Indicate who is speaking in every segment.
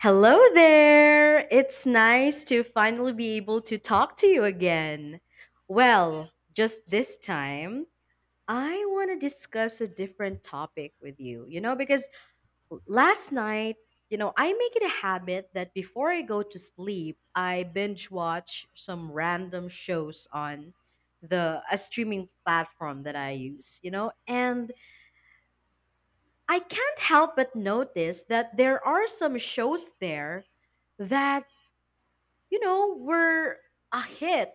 Speaker 1: Hello there! It's nice to finally be able to talk to you again. Well, just this time, I want to discuss a different topic with you. Because last night, I make it a habit that before I go to sleep, I binge watch some random shows on the a streaming platform that I use, and I can't help but notice that there are some shows there that were a hit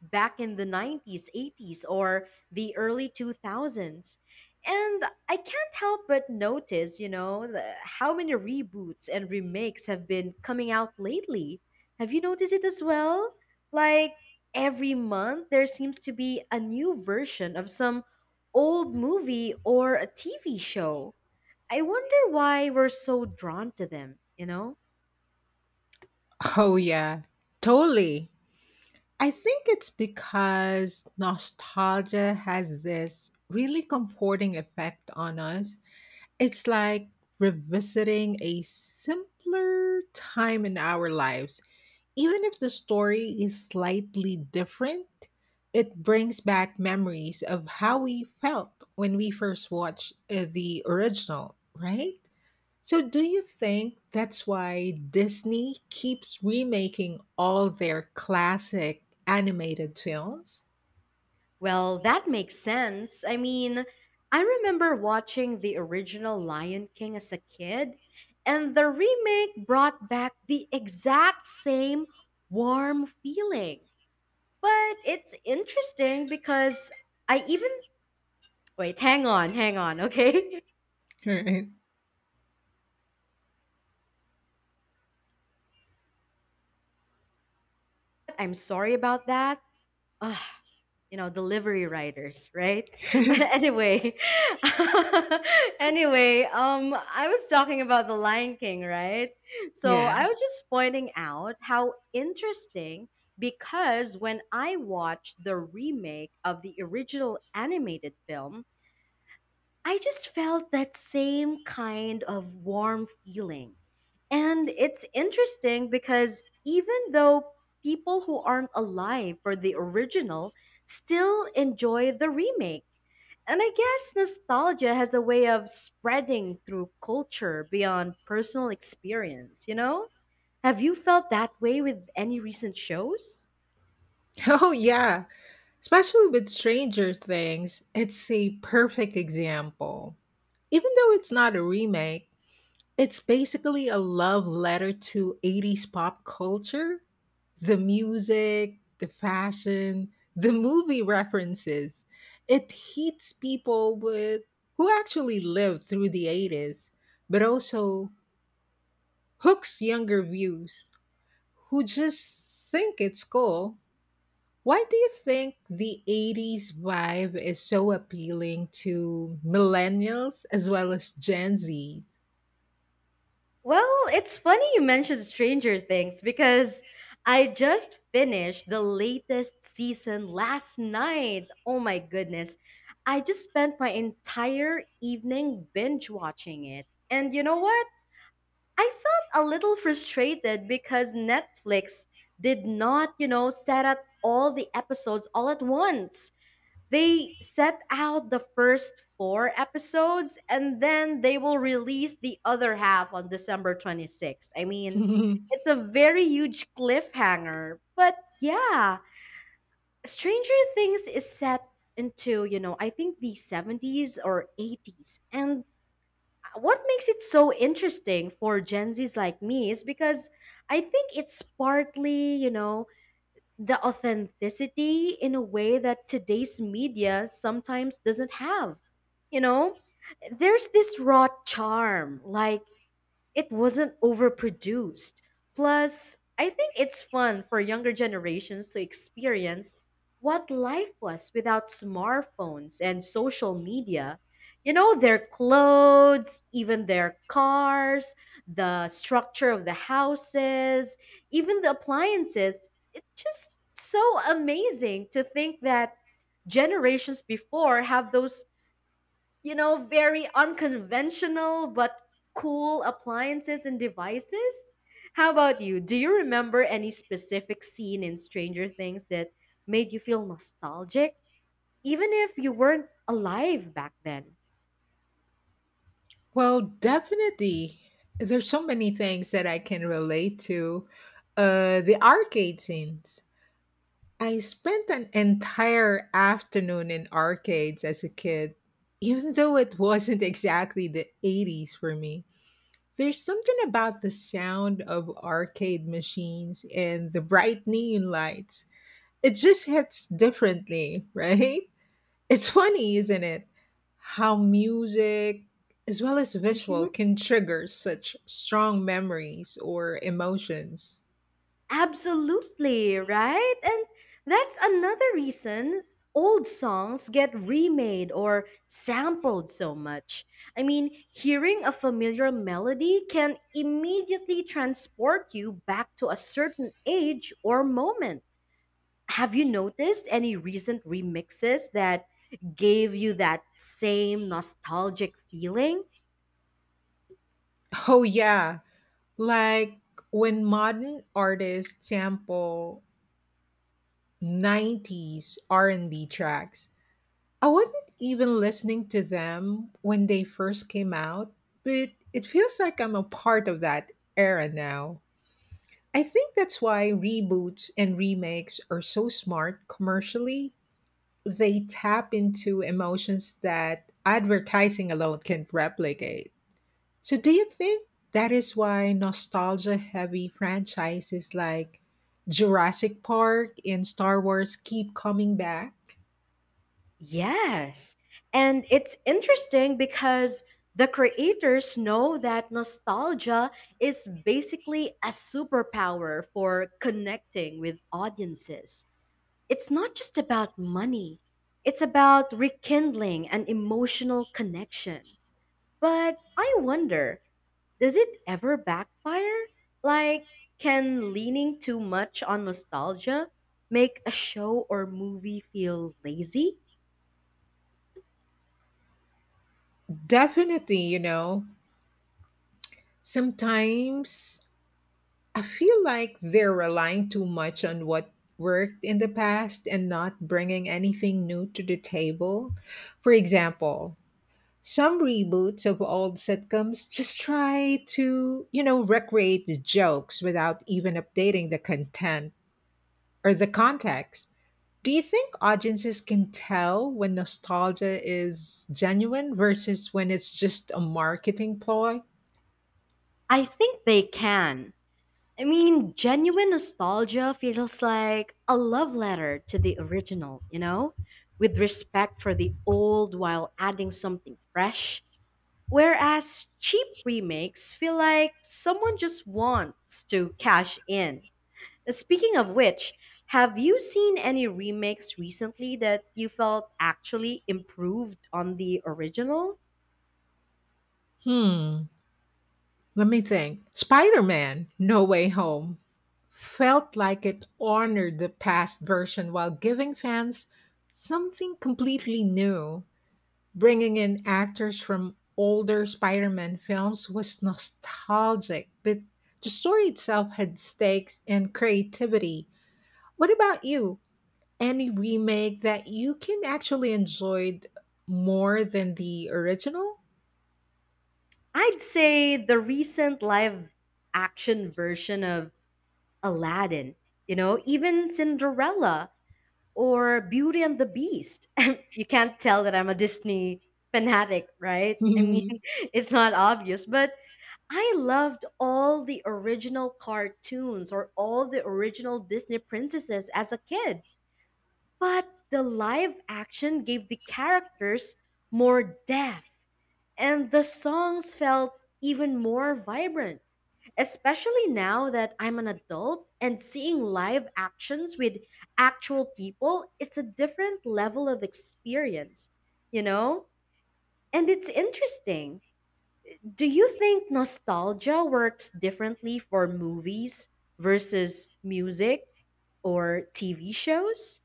Speaker 1: back in the 90s, 80s, or the early 2000s. And I can't help but notice, how many reboots and remakes have been coming out lately. Have you noticed it as well? Like every month, there seems to be a new version of some old movie or a TV show. I wonder why we're so drawn to them, you know?
Speaker 2: Oh, yeah, totally. I think it's because nostalgia has this really comforting effect on us. It's like revisiting a simpler time in our lives. Even if the story is slightly different, it brings back memories of how we felt when we first watched the original, right? So, do you think that's why Disney keeps remaking all their classic animated films?
Speaker 1: Well, that makes sense. I mean, I remember watching the original Lion King as a kid, and the remake brought back the exact same warm feeling. But it's interesting because I even. Wait, hang on, hang on, okay?
Speaker 2: Right.
Speaker 1: I'm sorry about that. Ugh, delivery riders, right? But anyway, anyway, I was talking about the Lion King, right? So
Speaker 2: yeah.
Speaker 1: I was just pointing out how interesting, because when I watched the remake of the original animated film, I just felt that same kind of warm feeling. And it's interesting because even though people who aren't alive for the original still enjoy the remake. And I guess nostalgia has a way of spreading through culture beyond personal experience, you know? Have you felt that way with any recent shows?
Speaker 2: Oh, yeah. Especially with Stranger Things, it's a perfect example. Even though it's not a remake, it's basically a love letter to 80's pop culture. The music, the fashion, the movie references. It hits people with who actually lived through the 80s, but also hooks younger views who just think it's cool. Why do you think the 80s vibe is so appealing to millennials as well as Gen Z?
Speaker 1: Well, it's funny you mentioned Stranger Things, because I just finished the latest season last night. Oh my goodness. I just spent my entire evening binge watching it. And you know what? I felt a little frustrated because Netflix did not, set up all the episodes all at once. They set out the first four episodes and then they will release the other half on December 26th. I mean, it's a very huge cliffhanger. But yeah, Stranger Things is set into, I think, the 70s or 80s. And what makes it so interesting for Gen Zs like me is because I think it's partly, the authenticity in a way that today's media sometimes doesn't have. You know, there's this raw charm, like it wasn't overproduced. Plus, I think it's fun for younger generations to experience what life was without smartphones and social media. Their clothes, even their cars, the structure of the houses, even the appliances. It's just so amazing to think that generations before have those, very unconventional but cool appliances and devices. How about you? Do you remember any specific scene in Stranger Things that made you feel nostalgic, even if you weren't alive back then?
Speaker 2: Well, definitely. There's so many things that I can relate to. The arcade scenes. I spent an entire afternoon in arcades as a kid, even though it wasn't exactly the 80s for me. There's something about the sound of arcade machines and the bright neon lights. It just hits differently, right? It's funny, isn't it? How music, as well as visual, can trigger such strong memories or emotions.
Speaker 1: Absolutely, right? And that's another reason old songs get remade or sampled so much. I mean, hearing a familiar melody can immediately transport you back to a certain age or moment. Have you noticed any recent remixes that gave you that same nostalgic feeling?
Speaker 2: Oh, yeah. Like when modern artists sample 90s R&B tracks. I wasn't even listening to them when they first came out, but it feels like I'm a part of that era now. I think that's why reboots and remakes are so smart commercially, they tap into emotions that advertising alone can replicate. So, do you think that is why nostalgia heavy franchises like Jurassic Park and Star Wars keep coming back?
Speaker 1: Yes. And it's interesting because the creators know that nostalgia is basically a superpower for connecting with audiences. It's not just about money, it's about rekindling an emotional connection. But I wonder, does it ever backfire? Like, can leaning too much on nostalgia make a show or movie feel lazy?
Speaker 2: Definitely, you know, sometimes I feel like they're relying too much on what worked in the past and not bringing anything new to the table. For example, some reboots of old sitcoms just try to, you know, recreate the jokes without even updating the content or the context. Do you think audiences can tell when nostalgia is genuine versus when it's just a marketing ploy?
Speaker 1: I think they can. I mean, genuine nostalgia feels like a love letter to the original, you know? With respect for the old while adding something fresh. Whereas cheap remakes feel like someone just wants to cash in. Speaking of which, have you seen any remakes recently that you felt actually improved on the original?
Speaker 2: Hmm, let me think. Spider Man No Way Home felt like it honored the past version while giving fans something completely new. Bringing in actors from older Spider Man films was nostalgic, but the story itself had stakes and creativity. What about you? Any remake that you can actually enjoy more than the original?
Speaker 1: I'd say the recent live action version of Aladdin, even Cinderella or Beauty and the Beast. You can't tell that I'm a Disney fanatic, right? I mean, it's not obvious, but I loved all the original cartoons or all the original Disney princesses as a kid. But the live action gave the characters more depth, and the songs felt even more vibrant. Especially now that I'm an adult and seeing live actions with actual people, it's a different level of experience, you know? And it's interesting, do you think nostalgia works differently for movies versus music or TV shows?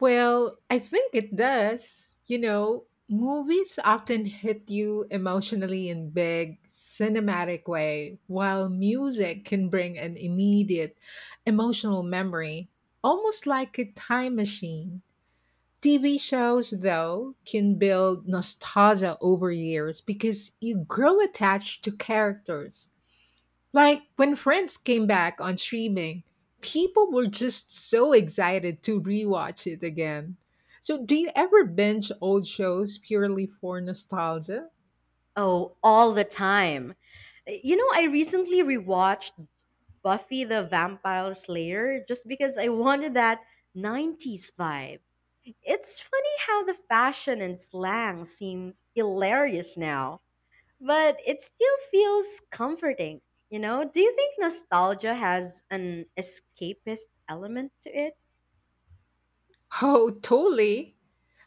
Speaker 2: Well, I think it does. You know, movies often hit you emotionally in big cinematic way, while music can bring an immediate emotional memory, almost like a time machine. TV shows, though, can build nostalgia over years because you grow attached to characters like when Friends came back on streaming, people were just so excited to rewatch it again. So, do you ever binge old shows purely for nostalgia?
Speaker 1: Oh, all the time. You know, I recently rewatched Buffy the Vampire Slayer just because I wanted that 90s vibe. It's funny how the fashion and slang seem hilarious now, but it still feels comforting. Do you think nostalgia has an escapist element to it?
Speaker 2: Oh, totally.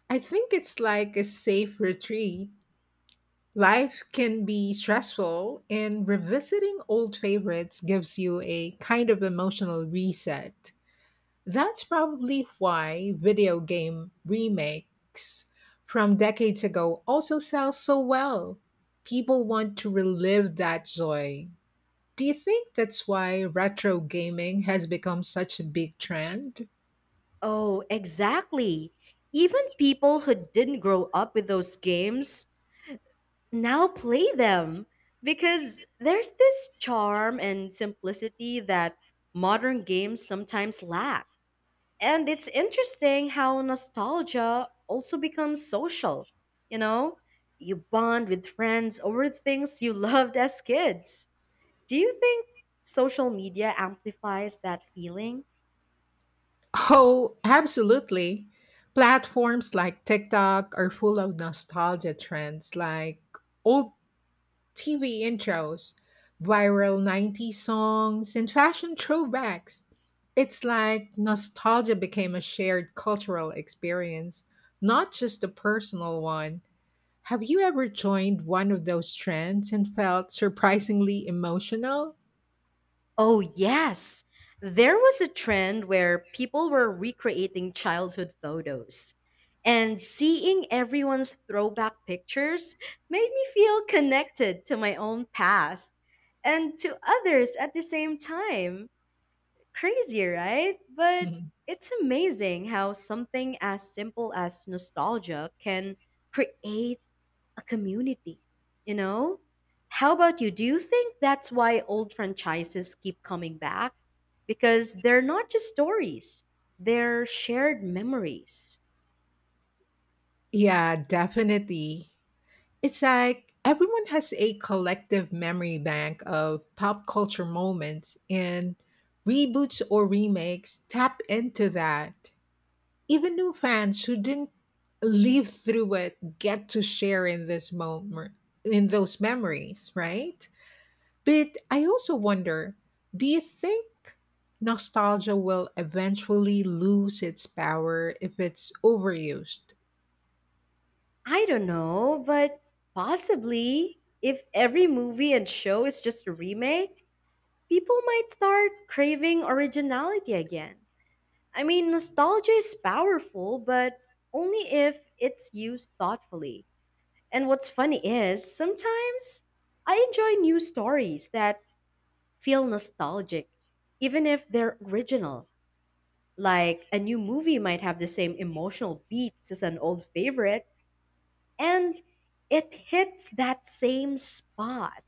Speaker 2: I think it's like a safe retreat. Life can be stressful, and revisiting old favorites gives you a kind of emotional reset. That's probably why video game remakes from decades ago also sell so well. People want to relive that joy. Do you think that's why retro gaming has become such a big trend?
Speaker 1: Oh, exactly. Even people who didn't grow up with those games now play them because there's this charm and simplicity that modern games sometimes lack. And it's interesting how nostalgia also becomes social. You know, you bond with friends over things you loved as kids. Do you think social media amplifies that feeling?
Speaker 2: Oh, absolutely. Platforms like TikTok are full of nostalgia trends like old TV intros, viral 90s songs, and fashion throwbacks. It's like nostalgia became a shared cultural experience, not just a personal one. Have you ever joined one of those trends and felt surprisingly emotional?
Speaker 1: Oh, yes. There was a trend where people were recreating childhood photos. And seeing everyone's throwback pictures made me feel connected to my own past and to others at the same time. Crazy, right? But
Speaker 2: Mhm.
Speaker 1: it's amazing how something as simple as nostalgia can create a community, you know? How about you? Do you think that's why old franchises keep coming back? Because they're not just stories, they're shared memories.
Speaker 2: Yeah, definitely. It's like everyone has a collective memory bank of pop culture moments, and reboots or remakes tap into that. Even new fans who didn't live through it get to share in this moment, in those memories, right? But I also wonder, do you think nostalgia will eventually lose its power if it's overused?
Speaker 1: I don't know, but possibly if every movie and show is just a remake, people might start craving originality again. I mean, nostalgia is powerful, but only if it's used thoughtfully. And what's funny is, sometimes I enjoy new stories that feel nostalgic, even if they're original. Like, a new movie might have the same emotional beats as an old favorite, and it hits that same spot.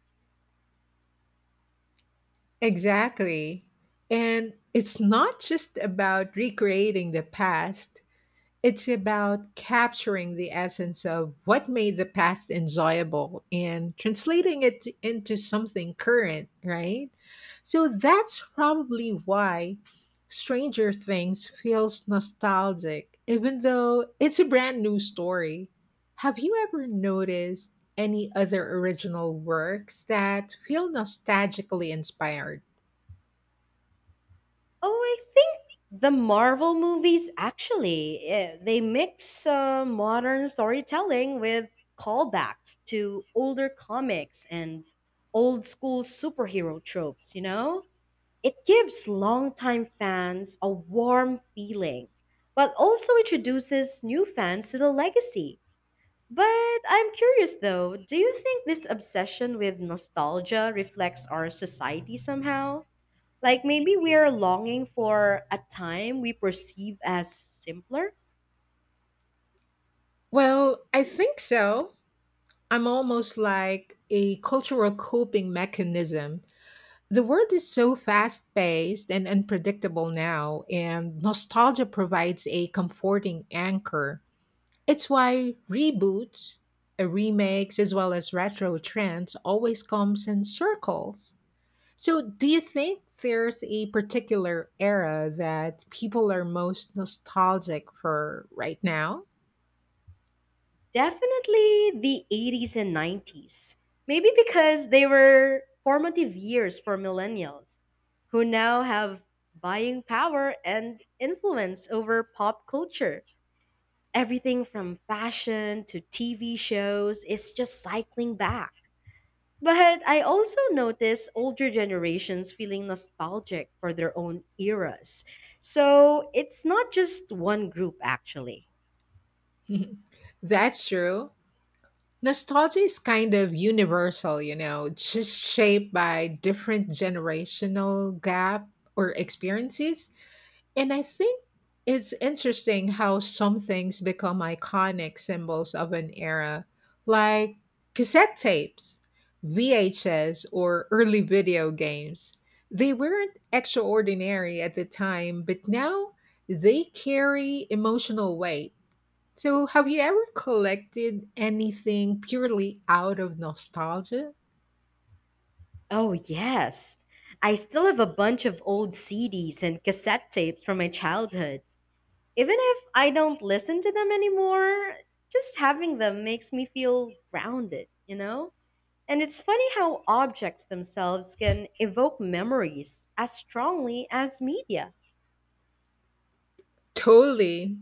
Speaker 2: Exactly. And it's not just about recreating the past, it's about capturing the essence of what made the past enjoyable and translating it into something current, right? So that's probably why Stranger Things feels nostalgic, even though it's a brand new story. Have you ever noticed any other original works that feel nostalgically inspired?
Speaker 1: Oh, I think the Marvel movies actually, they mix, modern storytelling with callbacks to older comics and old school superhero tropes, you know? It gives longtime fans a warm feeling, but also introduces new fans to the legacy. But I'm curious though, do you think this obsession with nostalgia reflects our society somehow? Like maybe we're longing for a time we perceive as simpler.
Speaker 2: Well, I think so. I'm almost like a cultural coping mechanism. The world is so fast paced and unpredictable now, and nostalgia provides a comforting anchor. It's why reboots, remakes, as well as retro trends always comes in circles. So, do you think there's a particular era that people are most nostalgic for right now?
Speaker 1: Definitely the 80s and 90s. Maybe because they were formative years for millennials, who now have buying power and influence over pop culture. Everything from fashion to TV shows is just cycling back. But I also notice older generations feeling nostalgic for their own eras. So it's not just one group, actually.
Speaker 2: That's true. Nostalgia is kind of universal, you know, just shaped by different generational gap or experiences. And I think it's interesting how some things become iconic symbols of an era, like cassette tapes, VHS, or early video games. They weren't extraordinary at the time, but now they carry emotional weight. So, have you ever collected anything purely out of nostalgia?
Speaker 1: Oh, yes. I still have a bunch of old CDs and cassette tapes from my childhood. Even if I don't listen to them anymore, just having them makes me feel grounded, you know? And it's funny how objects themselves can evoke memories as strongly as media.
Speaker 2: Totally.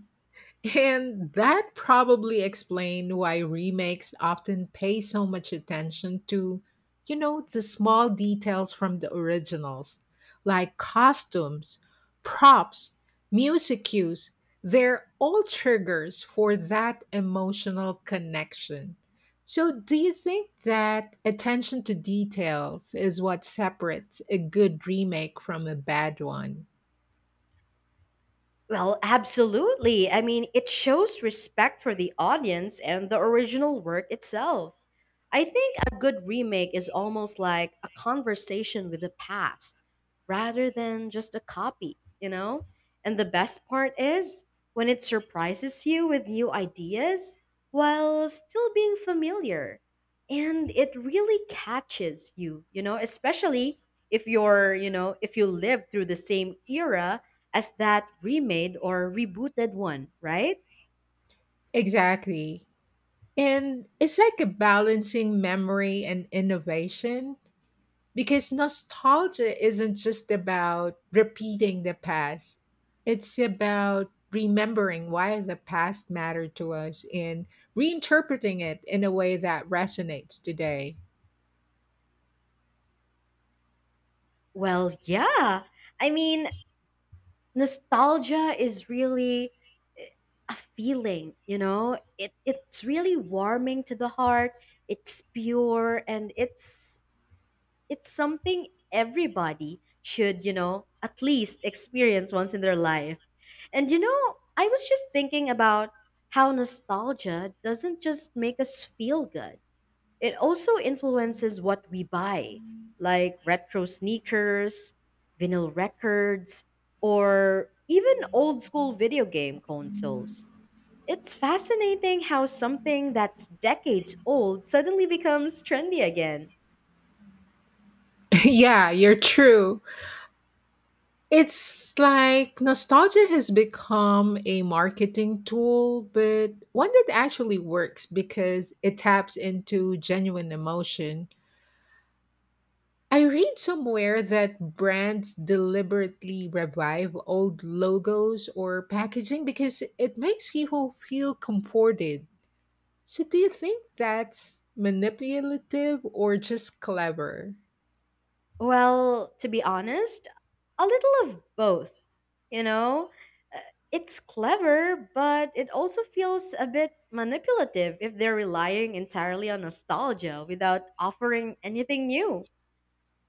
Speaker 2: And that probably explained why remakes often pay so much attention to, you know, the small details from the originals, like costumes, props, music cues. They're all triggers for that emotional connection. So, do you think that attention to details is what separates a good remake from a bad one?
Speaker 1: Well, absolutely. I mean, it shows respect for the audience and the original work itself. I think a good remake is almost like a conversation with the past rather than just a copy, you know? And the best part is when it surprises you with new ideas while still being familiar. And it really catches you, especially if you're, if you live through the same era as that remade or rebooted one, right?
Speaker 2: Exactly. And it's like a balancing memory and innovation. Because nostalgia isn't just about repeating the past, it's about remembering why the past mattered to us and reinterpreting it in a way that resonates today.
Speaker 1: Well, yeah. I mean, nostalgia is really, eh, a feeling, you know? It's really warming to the heart. It's pure and it's something everybody should, at least experience once in their life. And I was just thinking about how nostalgia doesn't just make us feel good. It also influences what we buy, like retro sneakers, vinyl records, or even old school video game consoles. It's fascinating how something that's decades old suddenly becomes trendy again.
Speaker 2: Yeah, you're true. It's like nostalgia has become a marketing tool, but one that actually works because it taps into genuine emotion. I read somewhere that brands deliberately revive old logos or packaging because it makes people feel comforted. So, do you think that's manipulative or just clever?
Speaker 1: Well, to be honest, a little of both. you know Uh, it's clever, but it also feels a bit manipulative if they're relying entirely on nostalgia without offering anything new.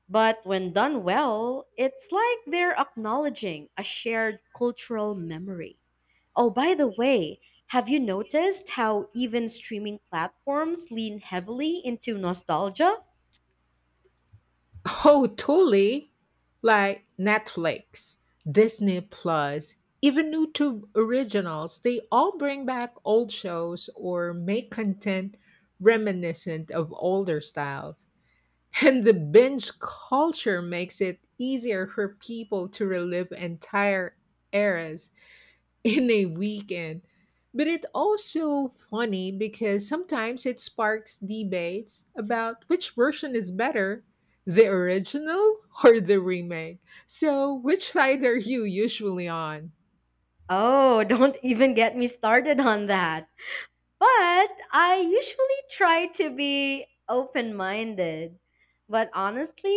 Speaker 1: But when done well, it's like they're acknowledging a shared cultural memory. Oh, by the way, have you noticed how even streaming platforms lean heavily into nostalgia?
Speaker 2: Oh, totally. Like Netflix, Disney Plus, even YouTube originals, they all bring back old shows or make content reminiscent of older styles. And the binge culture makes it easier for people to relive entire eras in a weekend. But it's also funny because sometimes it sparks debates about which version is better, the original or the remake. So, which side are you usually on?
Speaker 1: Oh, don't even get me started on that. But I usually try to be open minded. But honestly,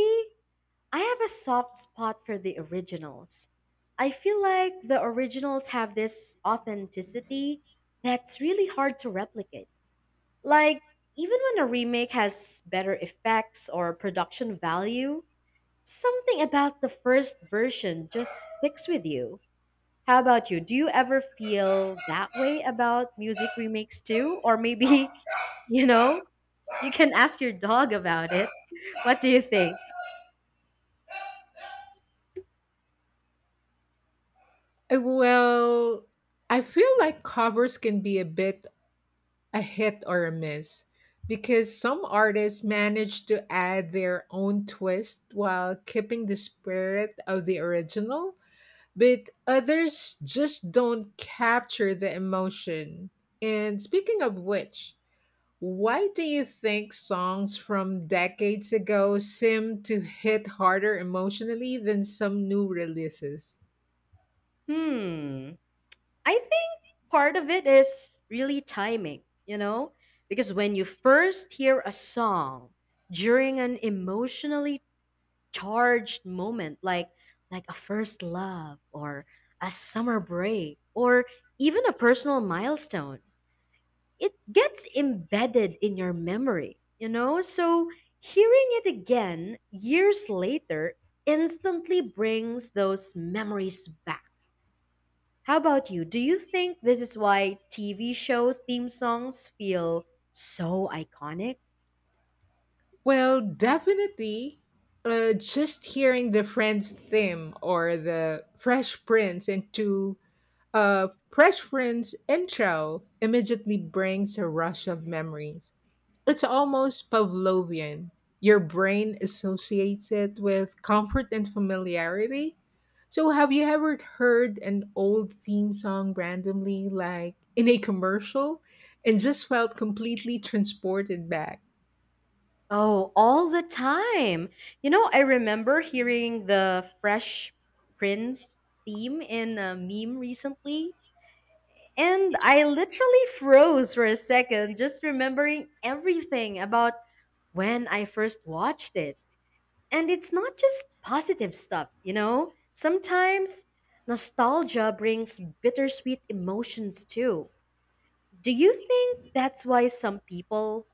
Speaker 1: I have a soft spot for the originals. I feel like the originals have this authenticity that's really hard to replicate. Like, even when a remake has better effects or production value, something about the first version just sticks with you. How about you? Do you ever feel that way about music remakes too? Or maybe, you know, you can ask your dog about it. What do you think?
Speaker 2: Well, I feel like covers can be a bit, a hit or a miss, because some artists manage to add their own twist while keeping the spirit of the original, but others just don't capture the emotion. And speaking of which, why do you think songs from decades ago seem to hit harder emotionally than some new releases?
Speaker 1: Hmm. I think part of it is really timing, you know? Because when you first hear a song during an emotionally charged moment, like a first love or a summer break or even a personal milestone, it gets embedded in your memory, you know? So hearing it again years later instantly brings those memories back. How about you? Do you think this is why TV show theme songs feel so iconic?
Speaker 2: Well, definitely. Just hearing the Friends theme or the Fresh Prince intro immediately brings a rush of memories. It's almost Pavlovian. Your brain associates it with comfort and familiarity. So, have you ever heard an old theme song randomly, like in a commercial, and just felt completely transported back?
Speaker 1: Oh, all the time. You know, I remember hearing the Fresh Prince theme in a meme recently. And I literally froze for a second just remembering everything about when I first watched it. And it's not just positive stuff, you know? Sometimes nostalgia brings bittersweet emotions too. Do you think that's why some people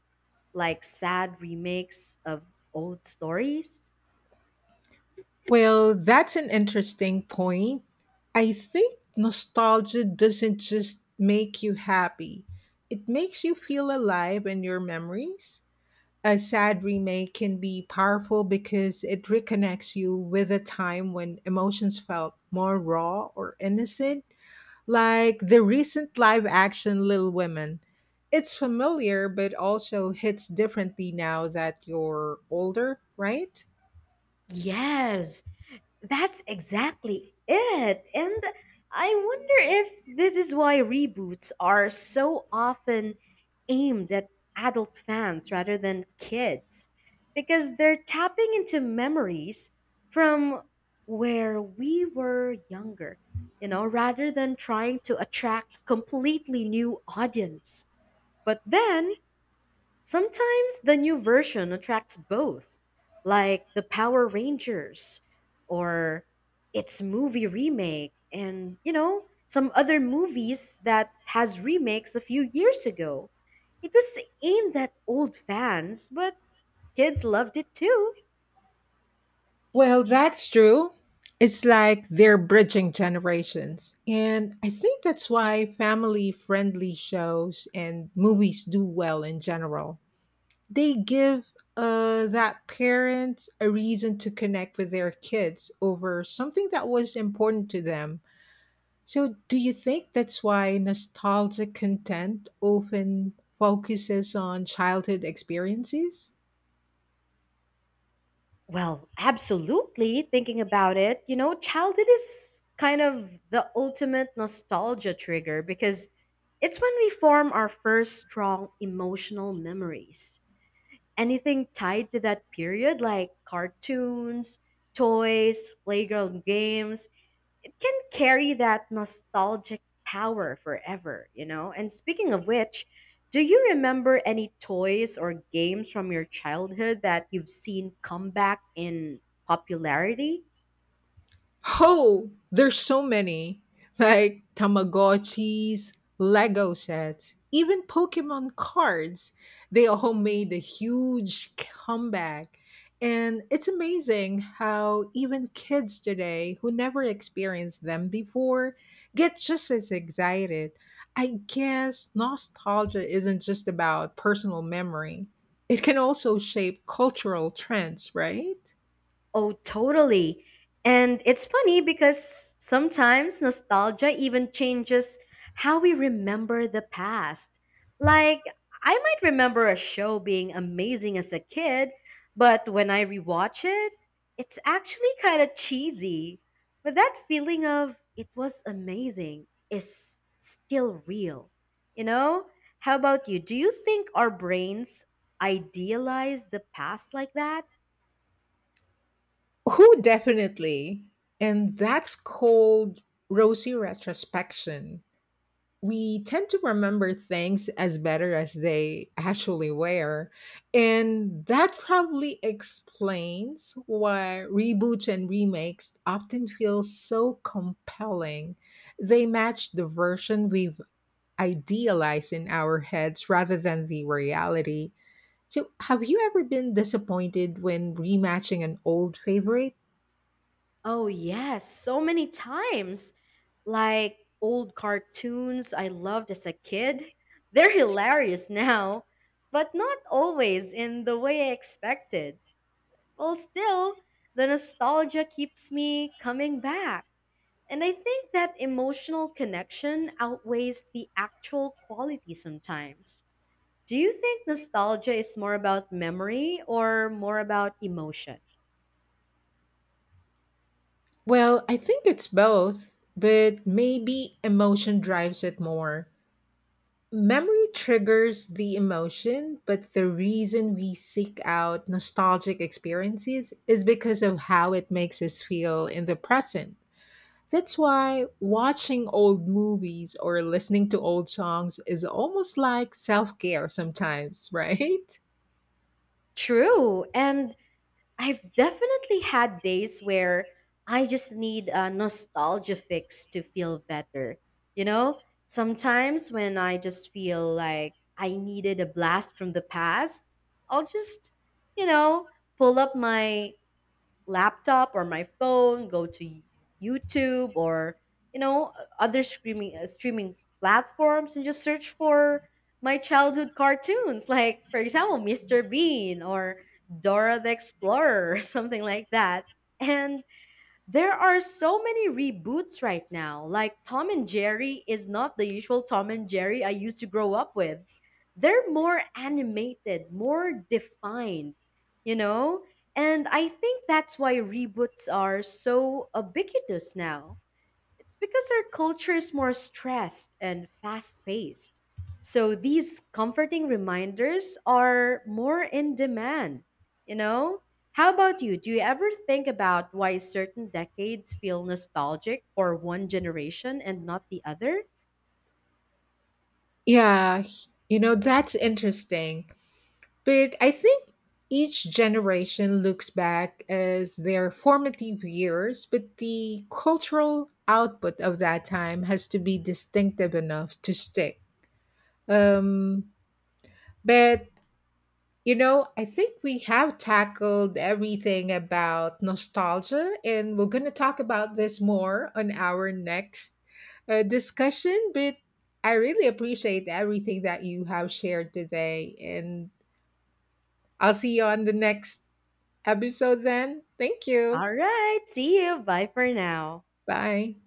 Speaker 1: like sad remakes of old stories?
Speaker 2: Well, that's an interesting point. I think nostalgia doesn't just make you happy, it makes you feel alive in your memories. A sad remake can be powerful because it reconnects you with a time when emotions felt more raw or innocent, like the recent live action Little Women. It's familiar, but also hits differently now that you're older, right?
Speaker 1: Yes, that's exactly it. And I wonder if this is why reboots are so often aimed at adult fans rather than kids, because they're tapping into memories from where we were younger, rather than trying to attract a completely new audience. But then sometimes the new version attracts both, like the Power Rangers or its movie remake, and, some other movies that has remakes a few years ago. It was aimed at old fans, but kids loved it too.
Speaker 2: Well, that's true. It's like they're bridging generations. And I think that's why family friendly shows and movies do well in general. They give that parent a reason to connect with their kids over something that was important to them. So, do you think that's why nostalgic content often focuses on childhood experiences?
Speaker 1: Well, absolutely. Thinking about it, you know, childhood is kind of the ultimate nostalgia trigger because it's when we form our first strong emotional memories. Anything tied to that period, like cartoons, toys, playground games, it can carry that nostalgic power forever, you know? And speaking of which, do you remember any toys or games from your childhood that you've seen come back in popularity?
Speaker 2: Oh, there's so many. Like Tamagotchis, Lego sets, even Pokemon cards. They all made a huge comeback. And it's amazing how even kids today who never experienced them before get just as excited. I guess nostalgia isn't just about personal memory, it can also shape cultural trends, right?
Speaker 1: Oh, totally. And it's funny because sometimes nostalgia even changes how we remember the past. Like, I might remember a show being amazing as a kid, but when I rewatch it, it's actually kind of cheesy. But that feeling of it was amazing is still real. You know? How about you? Do you think our brains idealize the past like that?
Speaker 2: Who definitely? And that's called rosy retrospection. We tend to remember things as better as they actually were. And that probably explains why reboots and remakes often feel so compelling. They match the version we've idealized in our heads rather than the reality. So, have you ever been disappointed when rematching an old favorite?
Speaker 1: Oh, yes, so many times. Like old cartoons I loved as a kid. They're hilarious now, but not always in the way I expected. Well, still, the nostalgia keeps me coming back. And I think that emotional connection outweighs the actual quality sometimes. Do you think nostalgia is more about memory or more about emotion?
Speaker 2: Well, I think it's both, but maybe emotion drives it more. Memory triggers the emotion, but the reason we seek out nostalgic experiences is because of how it makes us feel in the present. That's why watching old movies or listening to old songs is almost like self care sometimes, right?
Speaker 1: True. And I've definitely had days where I just need a nostalgia fix to feel better. You know, sometimes when I just feel like I needed a blast from the past, I'll just, you know, pull up my laptop or my phone, go to YouTube or you know other streaming platforms and just search for my childhood cartoons, like for example Mr. Bean or Dora the Explorer, or something like that. And there are so many reboots right now. Like Tom and Jerry is not the usual Tom and Jerry I used to grow up with. They're more animated, more defined, you know? And I think that's why reboots are so ubiquitous now. It's because our culture is more stressed and fast paced. So these comforting reminders are more in demand, you know? How about you? Do you ever think about why certain decades feel nostalgic for one generation and not the other?
Speaker 2: Yeah, you know, that's interesting. But I think each generation looks back as their formative years, but the cultural output of that time has to be distinctive enough to stick. Um, but you know, I think we have tackled everything about nostalgia, and we're going to talk about this more on our next discussion. But I really appreciate everything that you have shared today, and I'll see you on the next episode then. Thank you.
Speaker 1: All right, see you. Bye for now.
Speaker 2: Bye.